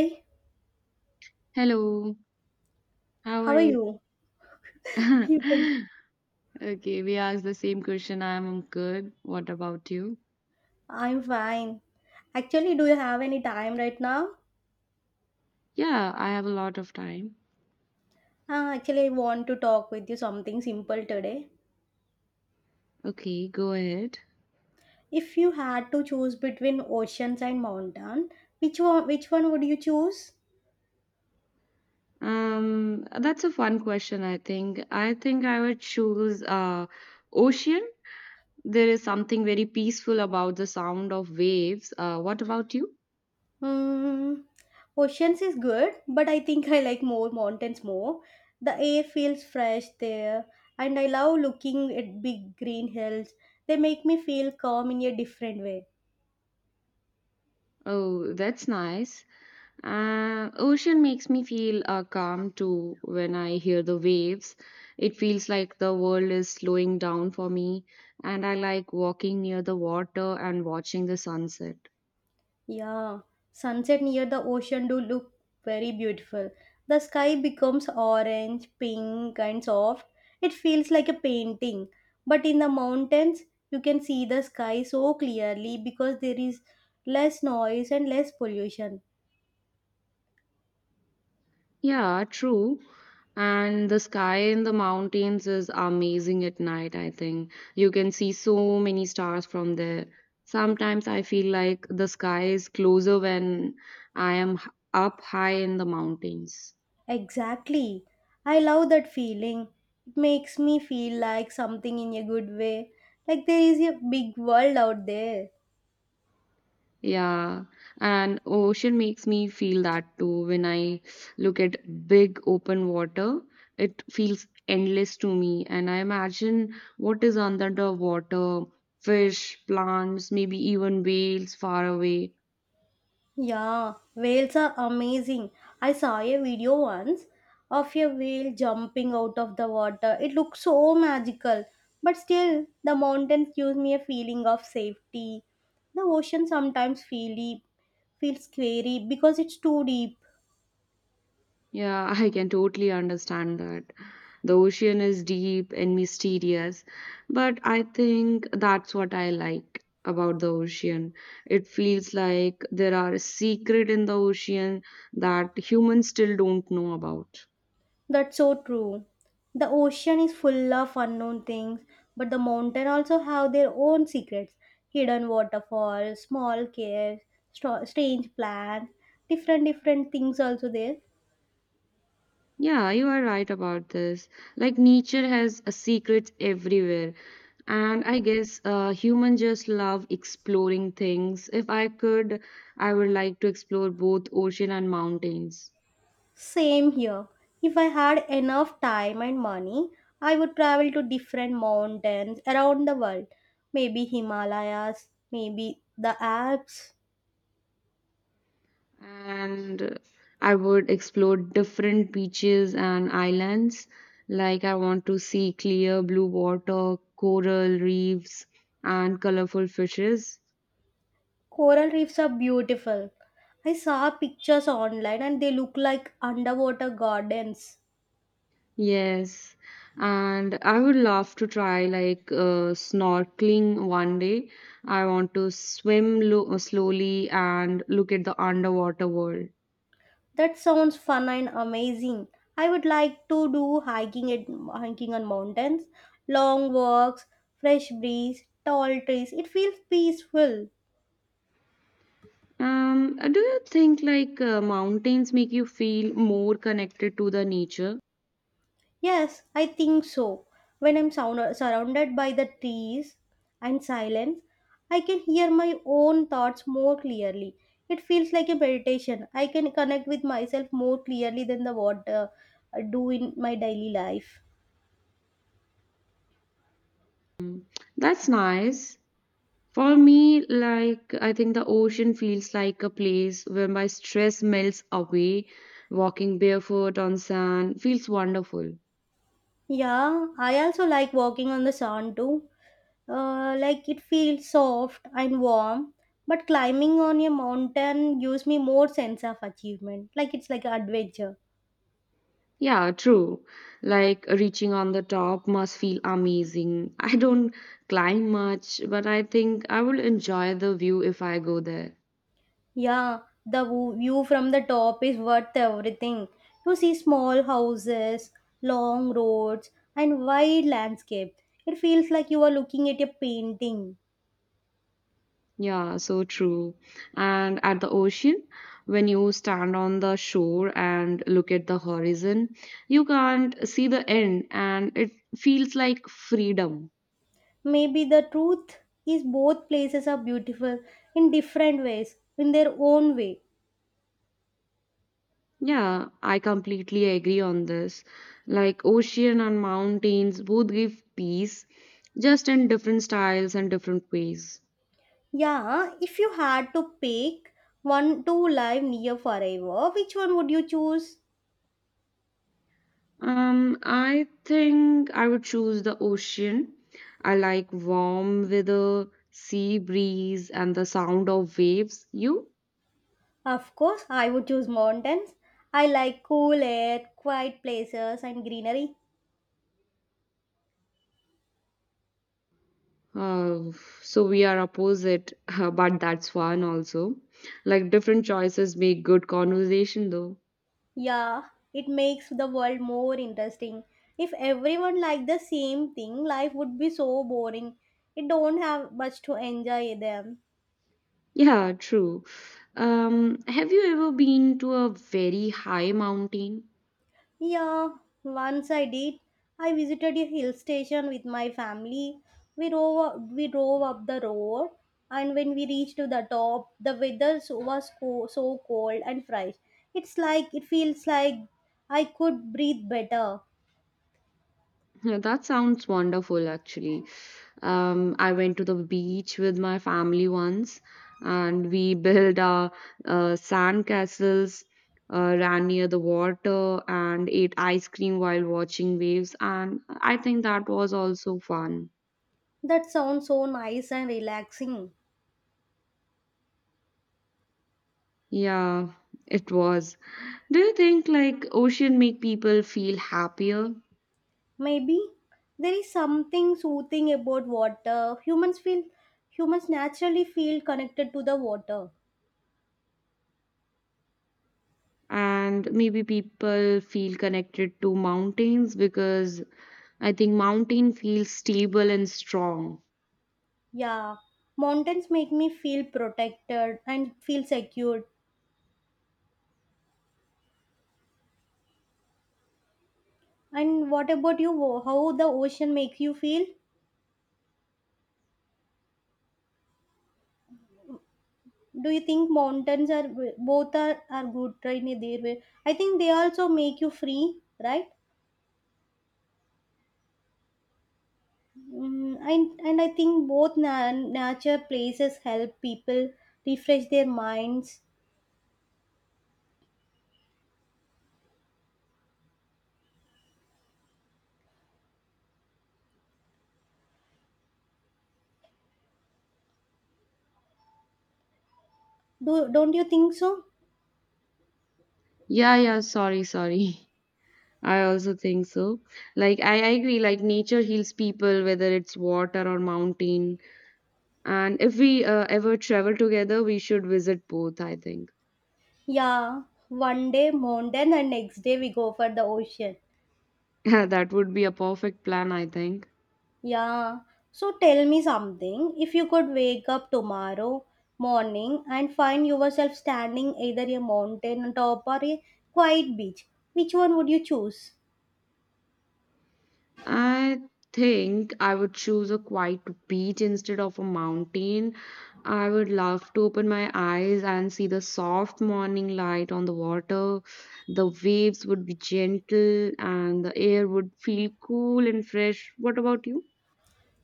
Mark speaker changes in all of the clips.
Speaker 1: Hi,
Speaker 2: Hello, how
Speaker 1: how
Speaker 2: are
Speaker 1: are
Speaker 2: you?
Speaker 1: you? You can.
Speaker 2: Okay, we asked the same question. I'm good. What about you?
Speaker 1: I'm fine. Actually, do you have any time right now?
Speaker 2: Yeah, I have a lot of time.
Speaker 1: Actually, I want to talk with you something simple today.
Speaker 2: Okay, go ahead.
Speaker 1: If you had to choose between oceans and mountain, which one would you choose?
Speaker 2: That's a fun question, I think. I think I would choose ocean. There is something very peaceful about the sound of waves. What about you?
Speaker 1: Hmm, oceans is good, but I think I like more mountains more. The air feels fresh there, and I love looking at big green hills. They make me feel calm in a different way.
Speaker 2: Oh, that's nice. Ocean makes me feel calm too when I hear the waves. It feels like the world is slowing down for me, and I like walking near the water and watching the sunset.
Speaker 1: Yeah, sunset near the ocean do look very beautiful. The sky becomes orange, pink, and soft. It feels like a painting. But in the mountains, you can see the sky so clearly because there is less noise and less pollution.
Speaker 2: Yeah, true. And the sky in the mountains is amazing at night, I think. You can see so many stars from there. Sometimes I feel like the sky is closer when I am up high in the mountains.
Speaker 1: Exactly. I love that feeling. It makes me feel like something in a good way, like there is a big world out there.
Speaker 2: Yeah, and ocean makes me feel that too. When I look at big open water, it feels endless to me. And I imagine what is under the water, fish, plants, maybe even whales far away.
Speaker 1: Yeah, whales are amazing. I saw a video once of a whale jumping out of the water. It looked so magical. But still, the mountains give me a feeling of safety. The ocean sometimes feel deep, feels scary because it's too deep.
Speaker 2: Yeah, I can totally understand that. The ocean is deep and mysterious, but I think that's what I like about the ocean. It feels like there are a secret in the ocean that humans still don't know about.
Speaker 1: That's so true. The ocean is full of unknown things, but the mountain also have their own secrets. Hidden waterfalls, small caves, strange plants, different things also there.
Speaker 2: Yeah, you are right about this. Like nature has a secret everywhere. And I guess human just love exploring things. If I could, I would like to explore both ocean and mountains.
Speaker 1: Same here. If I had enough time and money, I would travel to different mountains around the world. Maybe Himalayas, maybe the Alps.
Speaker 2: And I would explore different beaches and islands. Like, I want to see clear blue water, coral reefs, and colorful fishes.
Speaker 1: Coral reefs are beautiful. I saw pictures online and they look like underwater gardens.
Speaker 2: Yes, and I would love to try like snorkeling one day. I want to swim slowly and look at the underwater world.
Speaker 1: That sounds fun and amazing. I would like to do hiking on mountains, long walks, fresh breeze, tall trees. It feels peaceful.
Speaker 2: Do you think like mountains make you feel more connected to the nature?
Speaker 1: Yes, I think so. When I'm surrounded by the trees and silence, I can hear my own thoughts more clearly. It feels like a meditation. I can connect with myself more clearly than the what I do in my daily life.
Speaker 2: Mm, That's nice. For me, like, I think the ocean feels like a place where my stress melts away. Walking barefoot on sand feels wonderful.
Speaker 1: Yeah, I also like walking on the sand too. Like it feels soft and warm. But climbing on a mountain gives me more sense of achievement. Like it's like an adventure.
Speaker 2: Yeah, true. Like, reaching on the top must feel amazing. I don't climb much, but I think I will enjoy the view if I go there.
Speaker 1: Yeah, the view from the top is worth everything. You see small houses, long roads, and wide landscape. It feels like you are looking at a painting.
Speaker 2: Yeah, so true. And at the ocean, when you stand on the shore and look at the horizon, you can't see the end and it feels like freedom.
Speaker 1: Maybe the truth is both places are beautiful in different ways, in their own way.
Speaker 2: Yeah, I completely agree on this. Like ocean and mountains both give peace, just in different styles and different ways.
Speaker 1: Yeah, if you had to pick one to live near forever, which one would you choose?
Speaker 2: I think I would choose the ocean. I like warm weather, sea breeze, and the sound of waves. You?
Speaker 1: Of course, I would choose mountains. I like cool air, quiet places, and greenery.
Speaker 2: Uh, so we are opposite, but that's fun also. Like different choices make good conversation though.
Speaker 1: Yeah, it makes the world more interesting. If everyone liked the same thing, life would be so boring. It don't have much to enjoy them.
Speaker 2: Yeah, true. Have you ever been to a very high mountain?
Speaker 1: Yeah, once I did. I visited a hill station with my family. We drove up the road, and when we reached to the top, the weather so cold and fresh. It's like it feels like I could breathe better.
Speaker 2: Yeah, that sounds wonderful actually. I went to the beach with my family once, and we built sand castles, ran near the water, and ate ice cream while watching waves. And I think that was also fun.
Speaker 1: That sounds so nice and relaxing.
Speaker 2: Yeah, it was. Do you think like ocean make people feel happier?
Speaker 1: Maybe there is something soothing about water. Humans naturally feel connected to the water.
Speaker 2: And maybe people feel connected to mountains because I think mountain feels stable and strong.
Speaker 1: Yeah. Mountains make me feel protected and feel secure. And what about you? How the ocean makes you feel? Do you think mountains are both are good right in their way? I think they also make you free, right? And I think both nature places help people refresh their minds. Do don't you think so?
Speaker 2: Yeah, yeah, sorry, sorry. I also think so. Like I agree, like nature heals people, whether it's water or mountain. And if we ever travel together, we should visit both, I think.
Speaker 1: Yeah, one day mountain and next day we go for the ocean.
Speaker 2: That would be a perfect plan, I think.
Speaker 1: Yeah. So tell me something. If you could wake up tomorrow morning and find yourself standing either a mountain on top or a quiet beach, which one would you choose?
Speaker 2: I think I would choose a quiet beach instead of a mountain. I would love to open my eyes and see the soft morning light on the water. The waves would be gentle and the air would feel cool and fresh. What about you?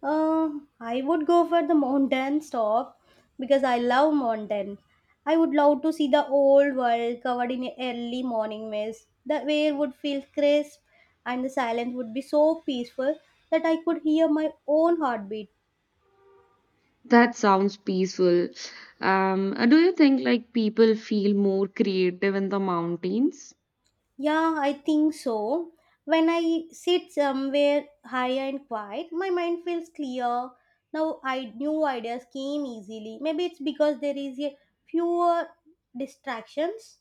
Speaker 1: Uh, I would go for the mountain stop because I love mountain. I would love to see the old world covered in early morning mist. The air would feel crisp and the silence would be so peaceful that I could hear my own heartbeat.
Speaker 2: That sounds peaceful. Do you think like people feel more creative in the mountains?
Speaker 1: Yeah, I think so. When I sit somewhere high and quiet, my mind feels clear. Now I New ideas came easily. Maybe it's because there is a fewer distractions.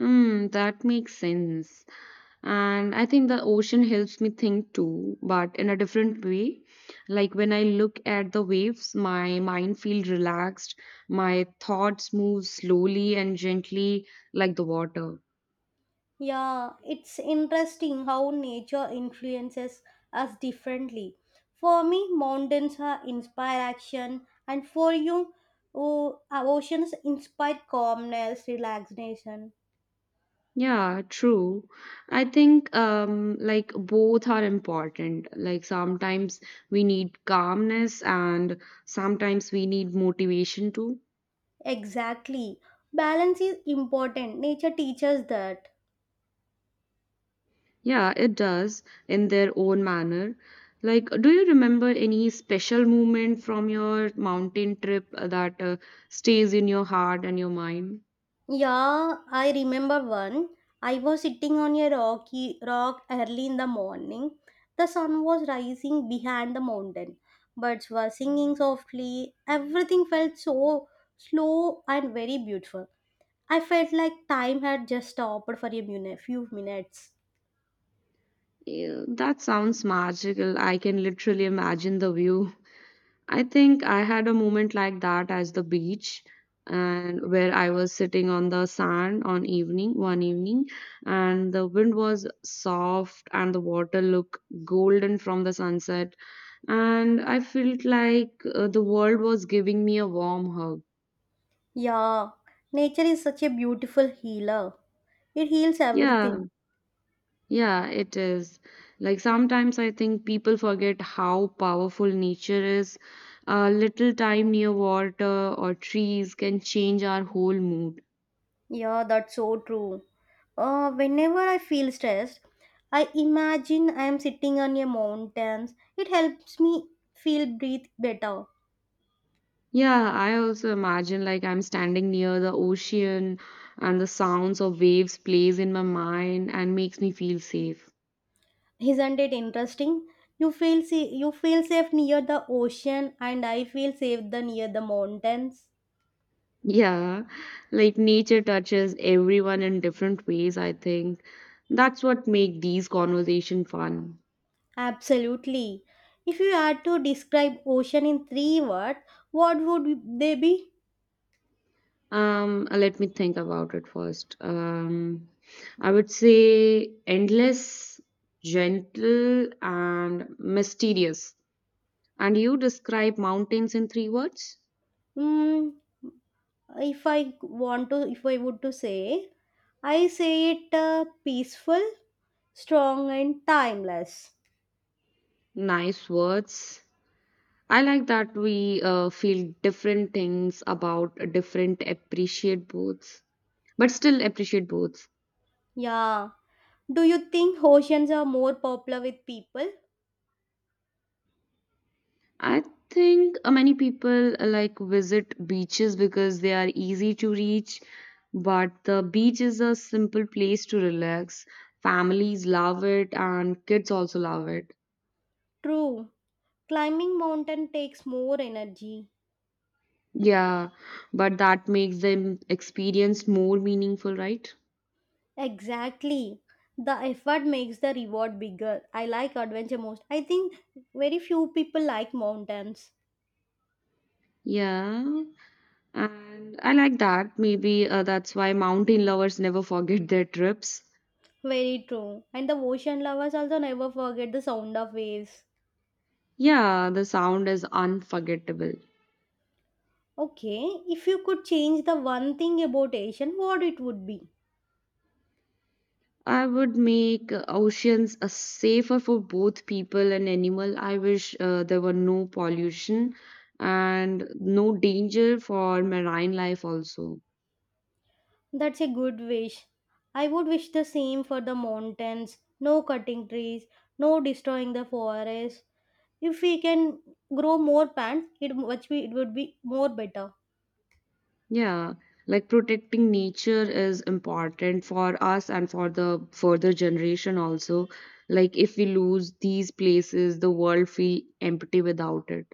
Speaker 2: That makes sense. And I think the ocean helps me think too, but in a different way. Like when I look at the waves, my mind feels relaxed, my thoughts move slowly and gently like the water.
Speaker 1: Yeah, it's interesting how nature influences us differently. For me, mountains are inspire action, and for you, oh, oceans inspire calmness, relaxation.
Speaker 2: Yeah, true. I think like both are important. Like sometimes we need calmness and sometimes we need motivation too.
Speaker 1: Exactly. Balance is important. Nature teaches that.
Speaker 2: Yeah, it does in their own manner. Like, do you remember any special moment from your mountain trip that stays in your heart and your mind?
Speaker 1: Yeah, I remember one. I was sitting on a rocky rock early in the morning. The sun was rising behind the mountain. Birds were singing softly. Everything felt so slow and very beautiful. I felt like time had just stopped for a minute, few minutes.
Speaker 2: Yeah, that sounds magical. I can literally imagine the view. I think I had a moment like that as the beach and where I was sitting on the sand on evening one evening and the wind was soft and the water looked golden from the sunset and I felt like the world was giving me a warm hug.
Speaker 1: Yeah, nature is such a beautiful healer. It heals
Speaker 2: Yeah,
Speaker 1: everything.
Speaker 2: yeah, it is. Like sometimes I think people forget how powerful nature is. A little time near water or trees can change our whole mood.
Speaker 1: Yeah, that's so true. Whenever I feel stressed, I imagine I am sitting on a mountain. It helps me feel breathe better.
Speaker 2: Yeah, I also imagine like I'm standing near the ocean and the sounds of waves plays in my mind and makes me feel safe.
Speaker 1: Isn't it interesting? You feel safe near the ocean, and I feel safe the near the mountains.
Speaker 2: Yeah, like nature touches everyone in different ways, I think. That's what make these conversation fun.
Speaker 1: Absolutely. If you had to describe ocean in three words, what would they be?
Speaker 2: Let me think about it first. I would say endless, gentle, and mysterious. And you describe mountains in three words?
Speaker 1: Mm, if I want to if I would to say I say it peaceful, strong and timeless.
Speaker 2: Nice words. I like that we feel different things about different appreciate boats, but still appreciate boats.
Speaker 1: Yeah, do you think oceans are more popular with people?
Speaker 2: I think many people like visit beaches because they are easy to reach, but the beach is a simple place to relax. Families love it and kids also love it.
Speaker 1: True, climbing mountain takes more energy.
Speaker 2: Yeah, but that makes them experience more meaningful, right?
Speaker 1: Exactly. The effort makes the reward bigger. I like adventure most, I think. Very few people like mountains.
Speaker 2: Yeah. And I like that. Maybe that's why mountain lovers never forget their trips.
Speaker 1: Very true. And the ocean lovers also never forget the sound of waves.
Speaker 2: Yeah, the sound is unforgettable.
Speaker 1: Okay, if you could change the one thing about Asian, what it would be?
Speaker 2: I would make oceans safer for both people and animal. I wish there were no pollution and no danger for marine life also.
Speaker 1: That's a good wish. I would wish the same for the mountains, no cutting trees, no destroying the forest. If we can grow more plants, it would be more better.
Speaker 2: Yeah, like protecting nature is important for us and for the further generation also. Like if we lose these places, the world feel empty without it.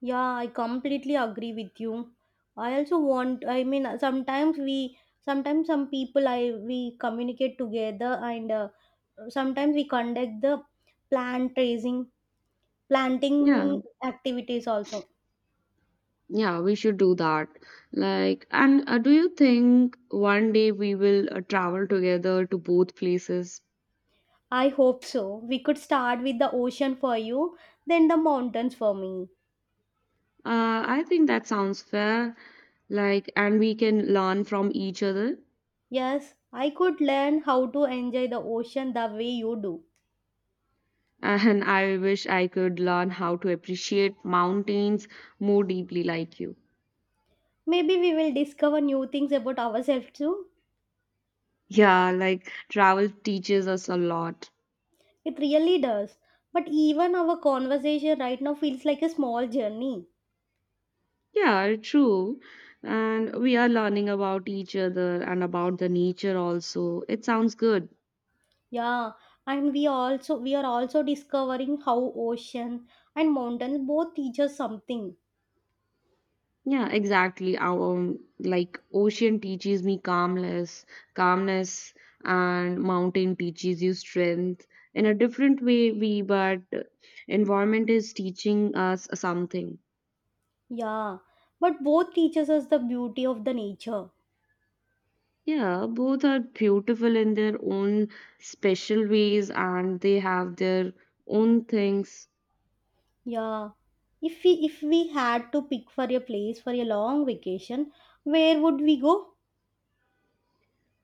Speaker 1: Yeah, I completely agree with you. I also want, I mean, sometimes we sometimes some people I we communicate together, and sometimes we conduct the plant raising
Speaker 2: Yeah,
Speaker 1: planting activities also.
Speaker 2: yeah, we should do that. Like, and do you think one day we will travel together to both places?
Speaker 1: I hope so. We could start with the ocean for you, then the mountains for me.
Speaker 2: I think that sounds fair. Like, and we can learn from each other.
Speaker 1: Yes, I could learn how to enjoy the ocean the way you do.
Speaker 2: And I wish I could learn how to appreciate mountains more deeply like you.
Speaker 1: Maybe we will discover new things about ourselves too.
Speaker 2: Yeah, like travel teaches us a lot.
Speaker 1: It really does. But even our conversation right now feels like a small journey.
Speaker 2: Yeah, true. And we are learning about each other and about the nature also. It sounds good.
Speaker 1: Yeah, and we also we are also discovering how ocean and mountains both teach us something.
Speaker 2: Yeah, exactly. Our like ocean teaches me calmness, and mountain teaches you strength in a different way. We But environment is teaching us something.
Speaker 1: Yeah, but both teaches us the beauty of the nature.
Speaker 2: Yeah, both are beautiful in their own special ways and they have their own things.
Speaker 1: Yeah. If we had to pick for a place for a long vacation, where would we go?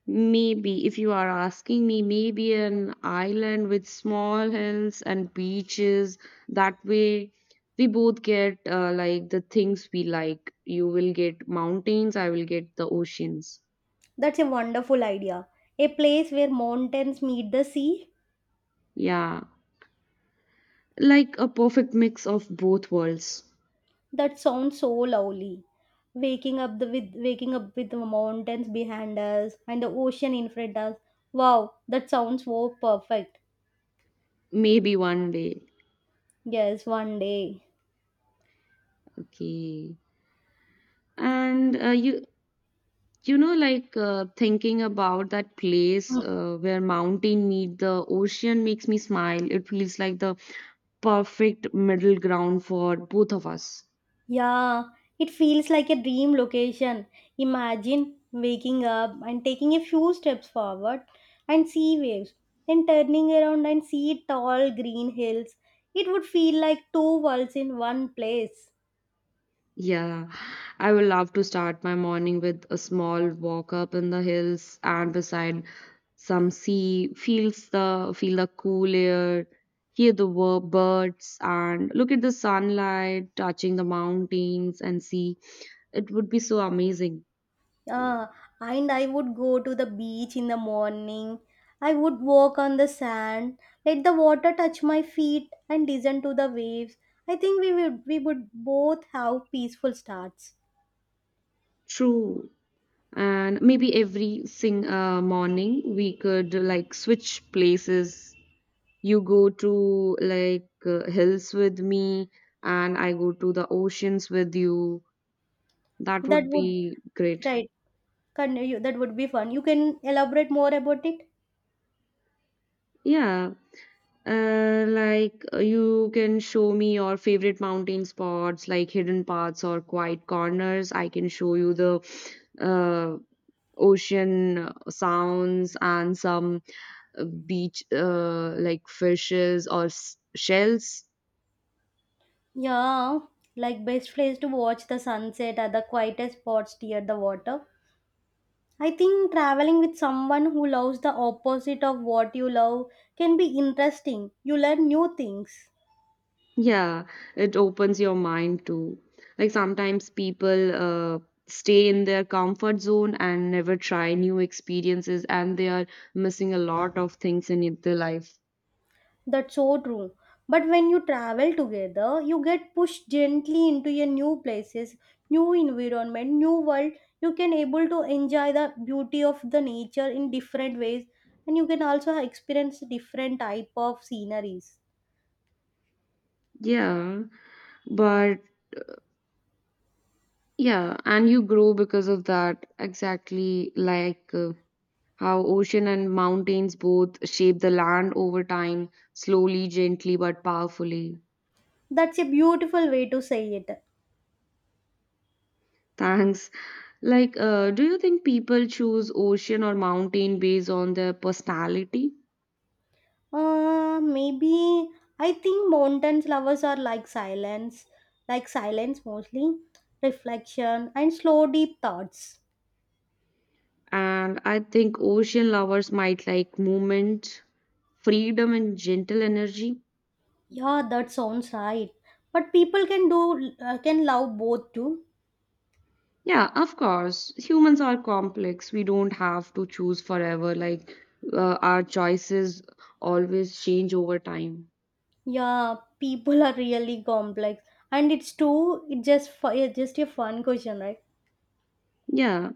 Speaker 2: Maybe, if you are asking me, maybe an island with small hills and beaches. That way, we both get like the things we like. You will get mountains, I will get the oceans.
Speaker 1: That's a wonderful idea. A place where mountains meet the sea.
Speaker 2: Yeah, like a perfect mix of both worlds.
Speaker 1: That sounds so lovely. Waking up with the mountains behind us and the ocean in front us. Wow, that sounds so perfect.
Speaker 2: Maybe one day.
Speaker 1: Yes, one day.
Speaker 2: Okay. And like thinking about that place where mountain meet the ocean makes me smile. It feels like the perfect middle ground for both of us.
Speaker 1: Yeah, it feels like a dream location. Imagine waking up and taking a few steps forward and see waves, then turning around and see tall green hills. It would feel like two worlds in one place.
Speaker 2: Yeah, I would love to start my morning with a small walk up in the hills and beside some sea, feel the cool air, hear the birds and look at the sunlight touching the mountains and sea. It would be so amazing.
Speaker 1: Ah, and I would go to the beach in the morning. I would walk on the sand, let the water touch my feet, and listen to the waves. I think we would both have peaceful starts.
Speaker 2: True. And maybe every sing morning we could like switch places. You go to like hills with me, and I go to the oceans with you. That
Speaker 1: That
Speaker 2: would
Speaker 1: would
Speaker 2: be great.
Speaker 1: right. Continue. That would be fun. You can elaborate more about it?
Speaker 2: Yeah, like you can show me your favorite mountain spots, like hidden paths or quiet corners. I can show you the uh, ocean sounds and some beach, like fishes or shells.
Speaker 1: Yeah, like best place to watch the sunset at the quietest spots near the water. I think traveling with someone who loves the opposite of what you love can be interesting. You learn new things.
Speaker 2: Yeah, it opens your mind too. Like sometimes people stay in their comfort zone and never try new experiences, and they are missing a lot of things in their life.
Speaker 1: That's so true. But when you travel together, you get pushed gently into your new places, new environment, new world. You can able to enjoy the beauty of the nature in different ways and you can also experience different type of sceneries.
Speaker 2: Yeah, but yeah, and you grow because of that. Exactly, like how ocean and mountains both shape the land over time, slowly, gently, but powerfully.
Speaker 1: That's a beautiful way to say it.
Speaker 2: Thanks. Like, do you think people choose ocean or mountain based on their personality?
Speaker 1: Maybe I think mountains lovers are like silence, mostly, reflection and slow deep thoughts.
Speaker 2: And I think ocean lovers might like movement, freedom, and gentle energy.
Speaker 1: Yeah, that sounds right. But people can love both too.
Speaker 2: Yeah, of course. Humans are complex. We don't have to choose forever. Like, our choices always change over time.
Speaker 1: Yeah, people are really complex, and it's just a fun question, right?
Speaker 2: Yeah,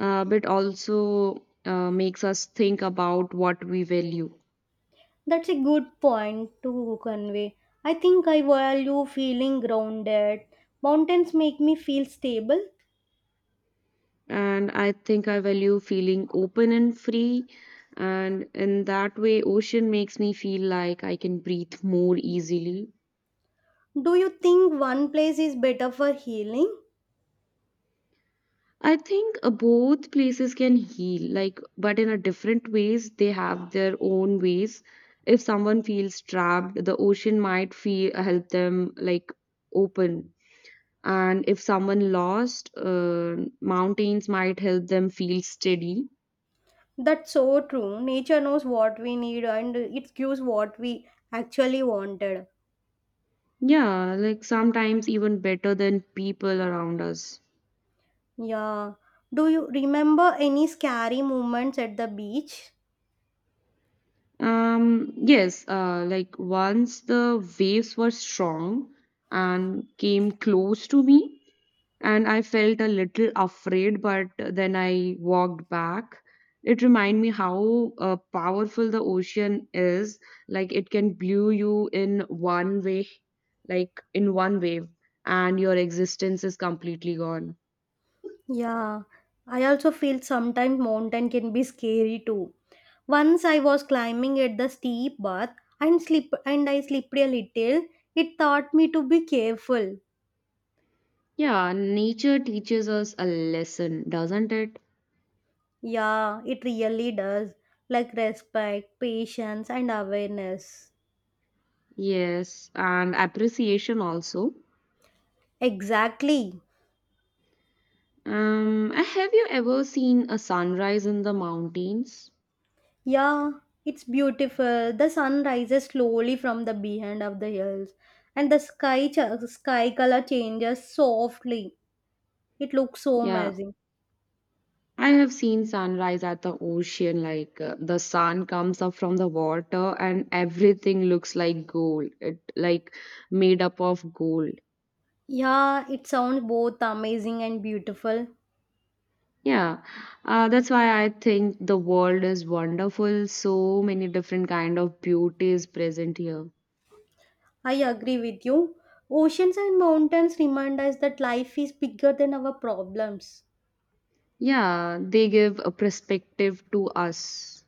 Speaker 2: but also makes us think about what we value.
Speaker 1: That's a good point to convey. I think I value feeling grounded. Mountains make me feel stable.
Speaker 2: And I think I value feeling open and free. And in that way, ocean makes me feel like I can breathe more easily.
Speaker 1: Do you think one place is better for healing?
Speaker 2: I think both places can heal, like, but in a different ways. They have their own ways. If someone feels trapped, the ocean might feel help them like open. And if someone lost, mountains might help them feel steady.
Speaker 1: That's so true. Nature knows what we need, and it gives what we actually wanted.
Speaker 2: Yeah, like sometimes even better than people around us.
Speaker 1: Yeah. Do you remember any scary moments at the beach?
Speaker 2: Yes, like once the waves were strong and came close to me, and I felt a little afraid, but then I walked back. It reminded me how powerful the ocean is. Like it can blow you in one way, like in one wave, and your existence is completely gone.
Speaker 1: Yeah. I also feel sometimes mountain can be scary too. Once I was climbing at the steep path and slip and I slipped a little. It taught me to be careful.
Speaker 2: Yeah, nature teaches us a lesson, doesn't it?
Speaker 1: Yeah, it really does. Like respect, patience and awareness.
Speaker 2: Yes, and appreciation also.
Speaker 1: Exactly.
Speaker 2: Have you ever seen a sunrise in the mountains?
Speaker 1: Yeah, it's beautiful. The sun rises slowly from the behind of the hills, and the sky color changes softly. It looks so
Speaker 2: Yeah,
Speaker 1: amazing.
Speaker 2: I have seen sunrise at the ocean. Like the sun comes up from the water, and everything looks like gold. It like made up of gold.
Speaker 1: Yeah, it sounds both amazing and beautiful.
Speaker 2: Yeah, that's why I think the world is wonderful. So many different kind of beauty is present here.
Speaker 1: I agree with you. Oceans and mountains remind us that life is bigger than our problems.
Speaker 2: Yeah, they give a perspective to us.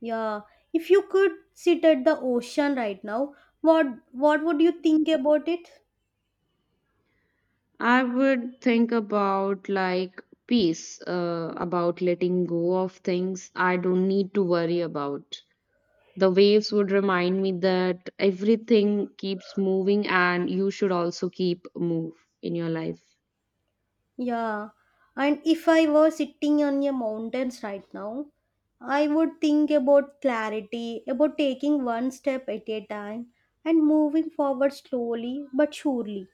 Speaker 1: Yeah, if you could sit at the ocean right now, what what would you think about it?
Speaker 2: I would think about like peace, about letting go of things I don't need to worry about. The waves would remind me that everything keeps moving and you should also keep move in your life.
Speaker 1: Yeah, and if I were sitting on a mountains right now, I would think about clarity, about taking one step at a time and moving forward slowly but surely.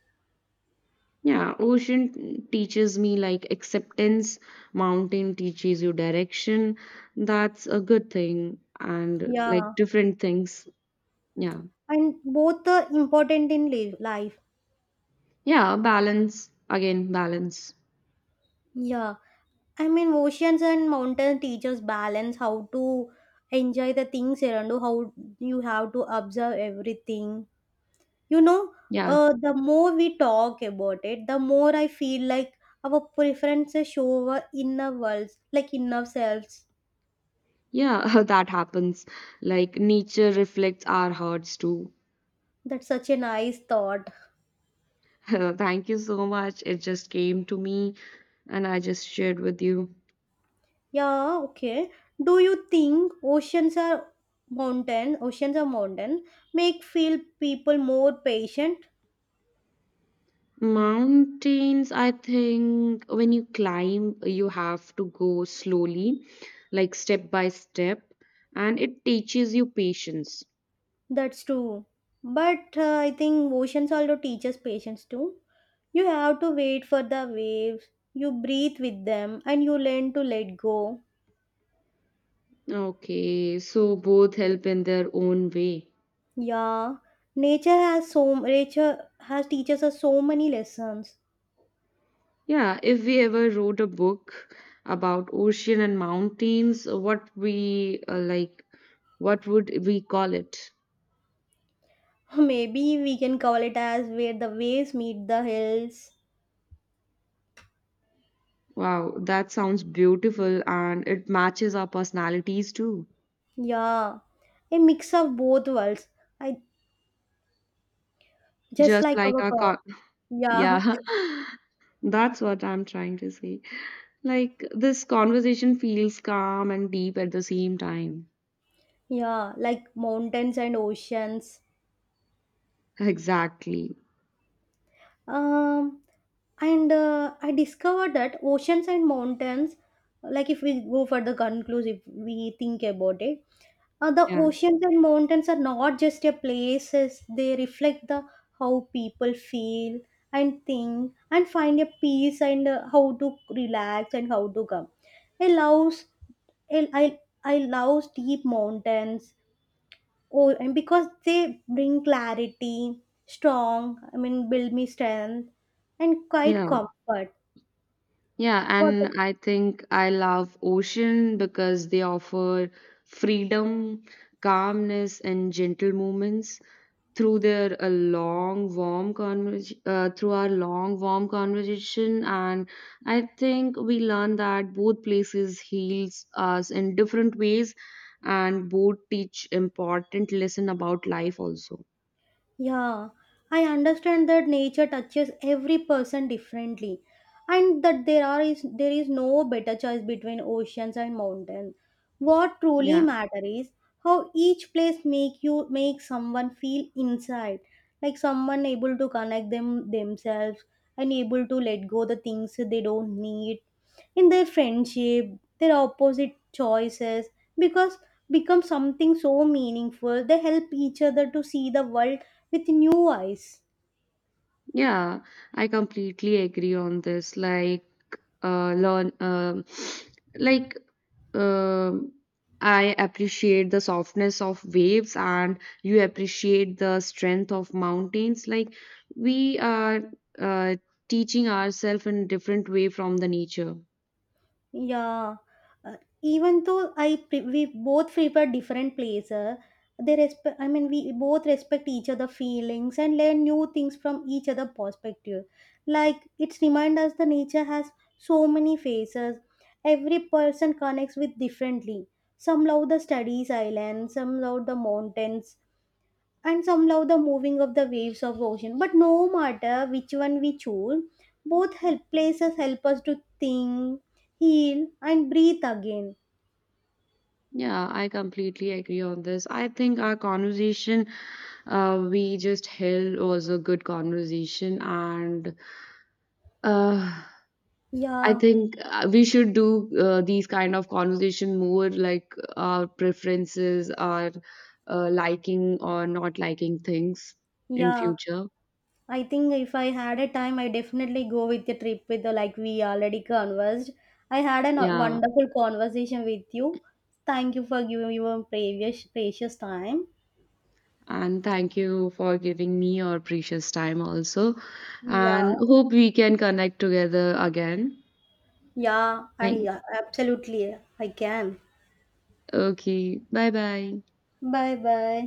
Speaker 2: Yeah, ocean teaches me like acceptance, mountain teaches you direction. That's a good thing and like
Speaker 1: Yeah,
Speaker 2: different things. Yeah.
Speaker 1: and both are important in life.
Speaker 2: Yeah, balance again, balance.
Speaker 1: Yeah, I mean oceans and mountains teaches balance, how to enjoy the things around you, how you have to observe everything. You know,
Speaker 2: Yeah.
Speaker 1: the more we talk about it, the more I feel like our preferences show our inner worlds, like inner selves.
Speaker 2: Yeah, that happens. Like nature reflects our hearts too.
Speaker 1: That's such a nice thought.
Speaker 2: Thank you so much. It just came to me and I just shared with you.
Speaker 1: Yeah, okay. Do you think oceans are mountain, make feel people more patient?
Speaker 2: Mountains, I think when you climb, you have to go slowly, like step by step, and it teaches you patience.
Speaker 1: That's true. But I think oceans also teach us patience too. You have to wait for the waves. You breathe with them and you learn to let go.
Speaker 2: Okay, so both help in their own way.
Speaker 1: Yeah, nature has teaches us so many lessons.
Speaker 2: Yeah, if we ever wrote a book about ocean and mountains, what would we call it?
Speaker 1: Maybe we can call it as where the waves meet the hills.
Speaker 2: Wow, that sounds beautiful and it matches our personalities too.
Speaker 1: Yeah, a mix of both worlds. I just
Speaker 2: Just
Speaker 1: like
Speaker 2: like
Speaker 1: our
Speaker 2: our
Speaker 1: car. Yeah,
Speaker 2: yeah. That's what I'm trying to say. Like this conversation feels calm and deep at the same time.
Speaker 1: yeah, like mountains and oceans.
Speaker 2: Exactly.
Speaker 1: Um, and I discovered that oceans and mountains, like if we go for the conclusive, we think about it. The
Speaker 2: Yeah.
Speaker 1: oceans and mountains are not just a places, they reflect the how people feel and think and find a peace, and how to relax and how to come. I love, I love steep mountains, oh, and because they bring clarity, strong, I mean, build me strength and quite
Speaker 2: Yeah.
Speaker 1: comfort.
Speaker 2: Yeah,
Speaker 1: What?
Speaker 2: and I think I love ocean because they offer freedom, calmness, and gentle moments through their a long, warm conversation. Through our long, warm conversation, and I think we learn that both places heals us in different ways, and both teach important lesson about life also.
Speaker 1: Yeah, I understand that nature touches every person differently and that there is no better choice between oceans and mountains. What truly
Speaker 2: Yeah,
Speaker 1: matters is how each place make someone feel inside, like someone able to connect themselves and able to let go the things they don't need in their friendship, their opposite choices, because become something so meaningful they help each other to see the world with new eyes.
Speaker 2: yeah, I completely agree on this. Like learn like um I appreciate the softness of waves and you appreciate the strength of mountains. Like we are uh, teaching ourselves in different way from the nature.
Speaker 1: Yeah, even though I pre we both prefer different places, they respect. I mean, we both respect each other' feelings and learn new things from each other' perspective. Like it's remind us the nature has so many faces. Every person connects with differently. Some love the studies island, some love the mountains, and some love the moving of the waves of the ocean, but no matter which one we choose, both help places help us to think, heal and breathe again.
Speaker 2: Yeah, I completely agree on this. I think our conversation we just held was a good conversation and uh, I
Speaker 1: Yeah,
Speaker 2: think we should do these kind of conversation more like our preferences, our liking or not liking things in
Speaker 1: yeah,
Speaker 2: future.
Speaker 1: I think if I had a time I definitely go with the trip with the like we already conversed. I had a
Speaker 2: Yeah.
Speaker 1: wonderful conversation with you. Thank you for giving your previous precious time.
Speaker 2: And thank you for giving me your precious time also.
Speaker 1: Yeah,
Speaker 2: And hope we can connect together again.
Speaker 1: yeah,
Speaker 2: Thank-
Speaker 1: I can.
Speaker 2: Okay. Bye bye.
Speaker 1: Bye bye.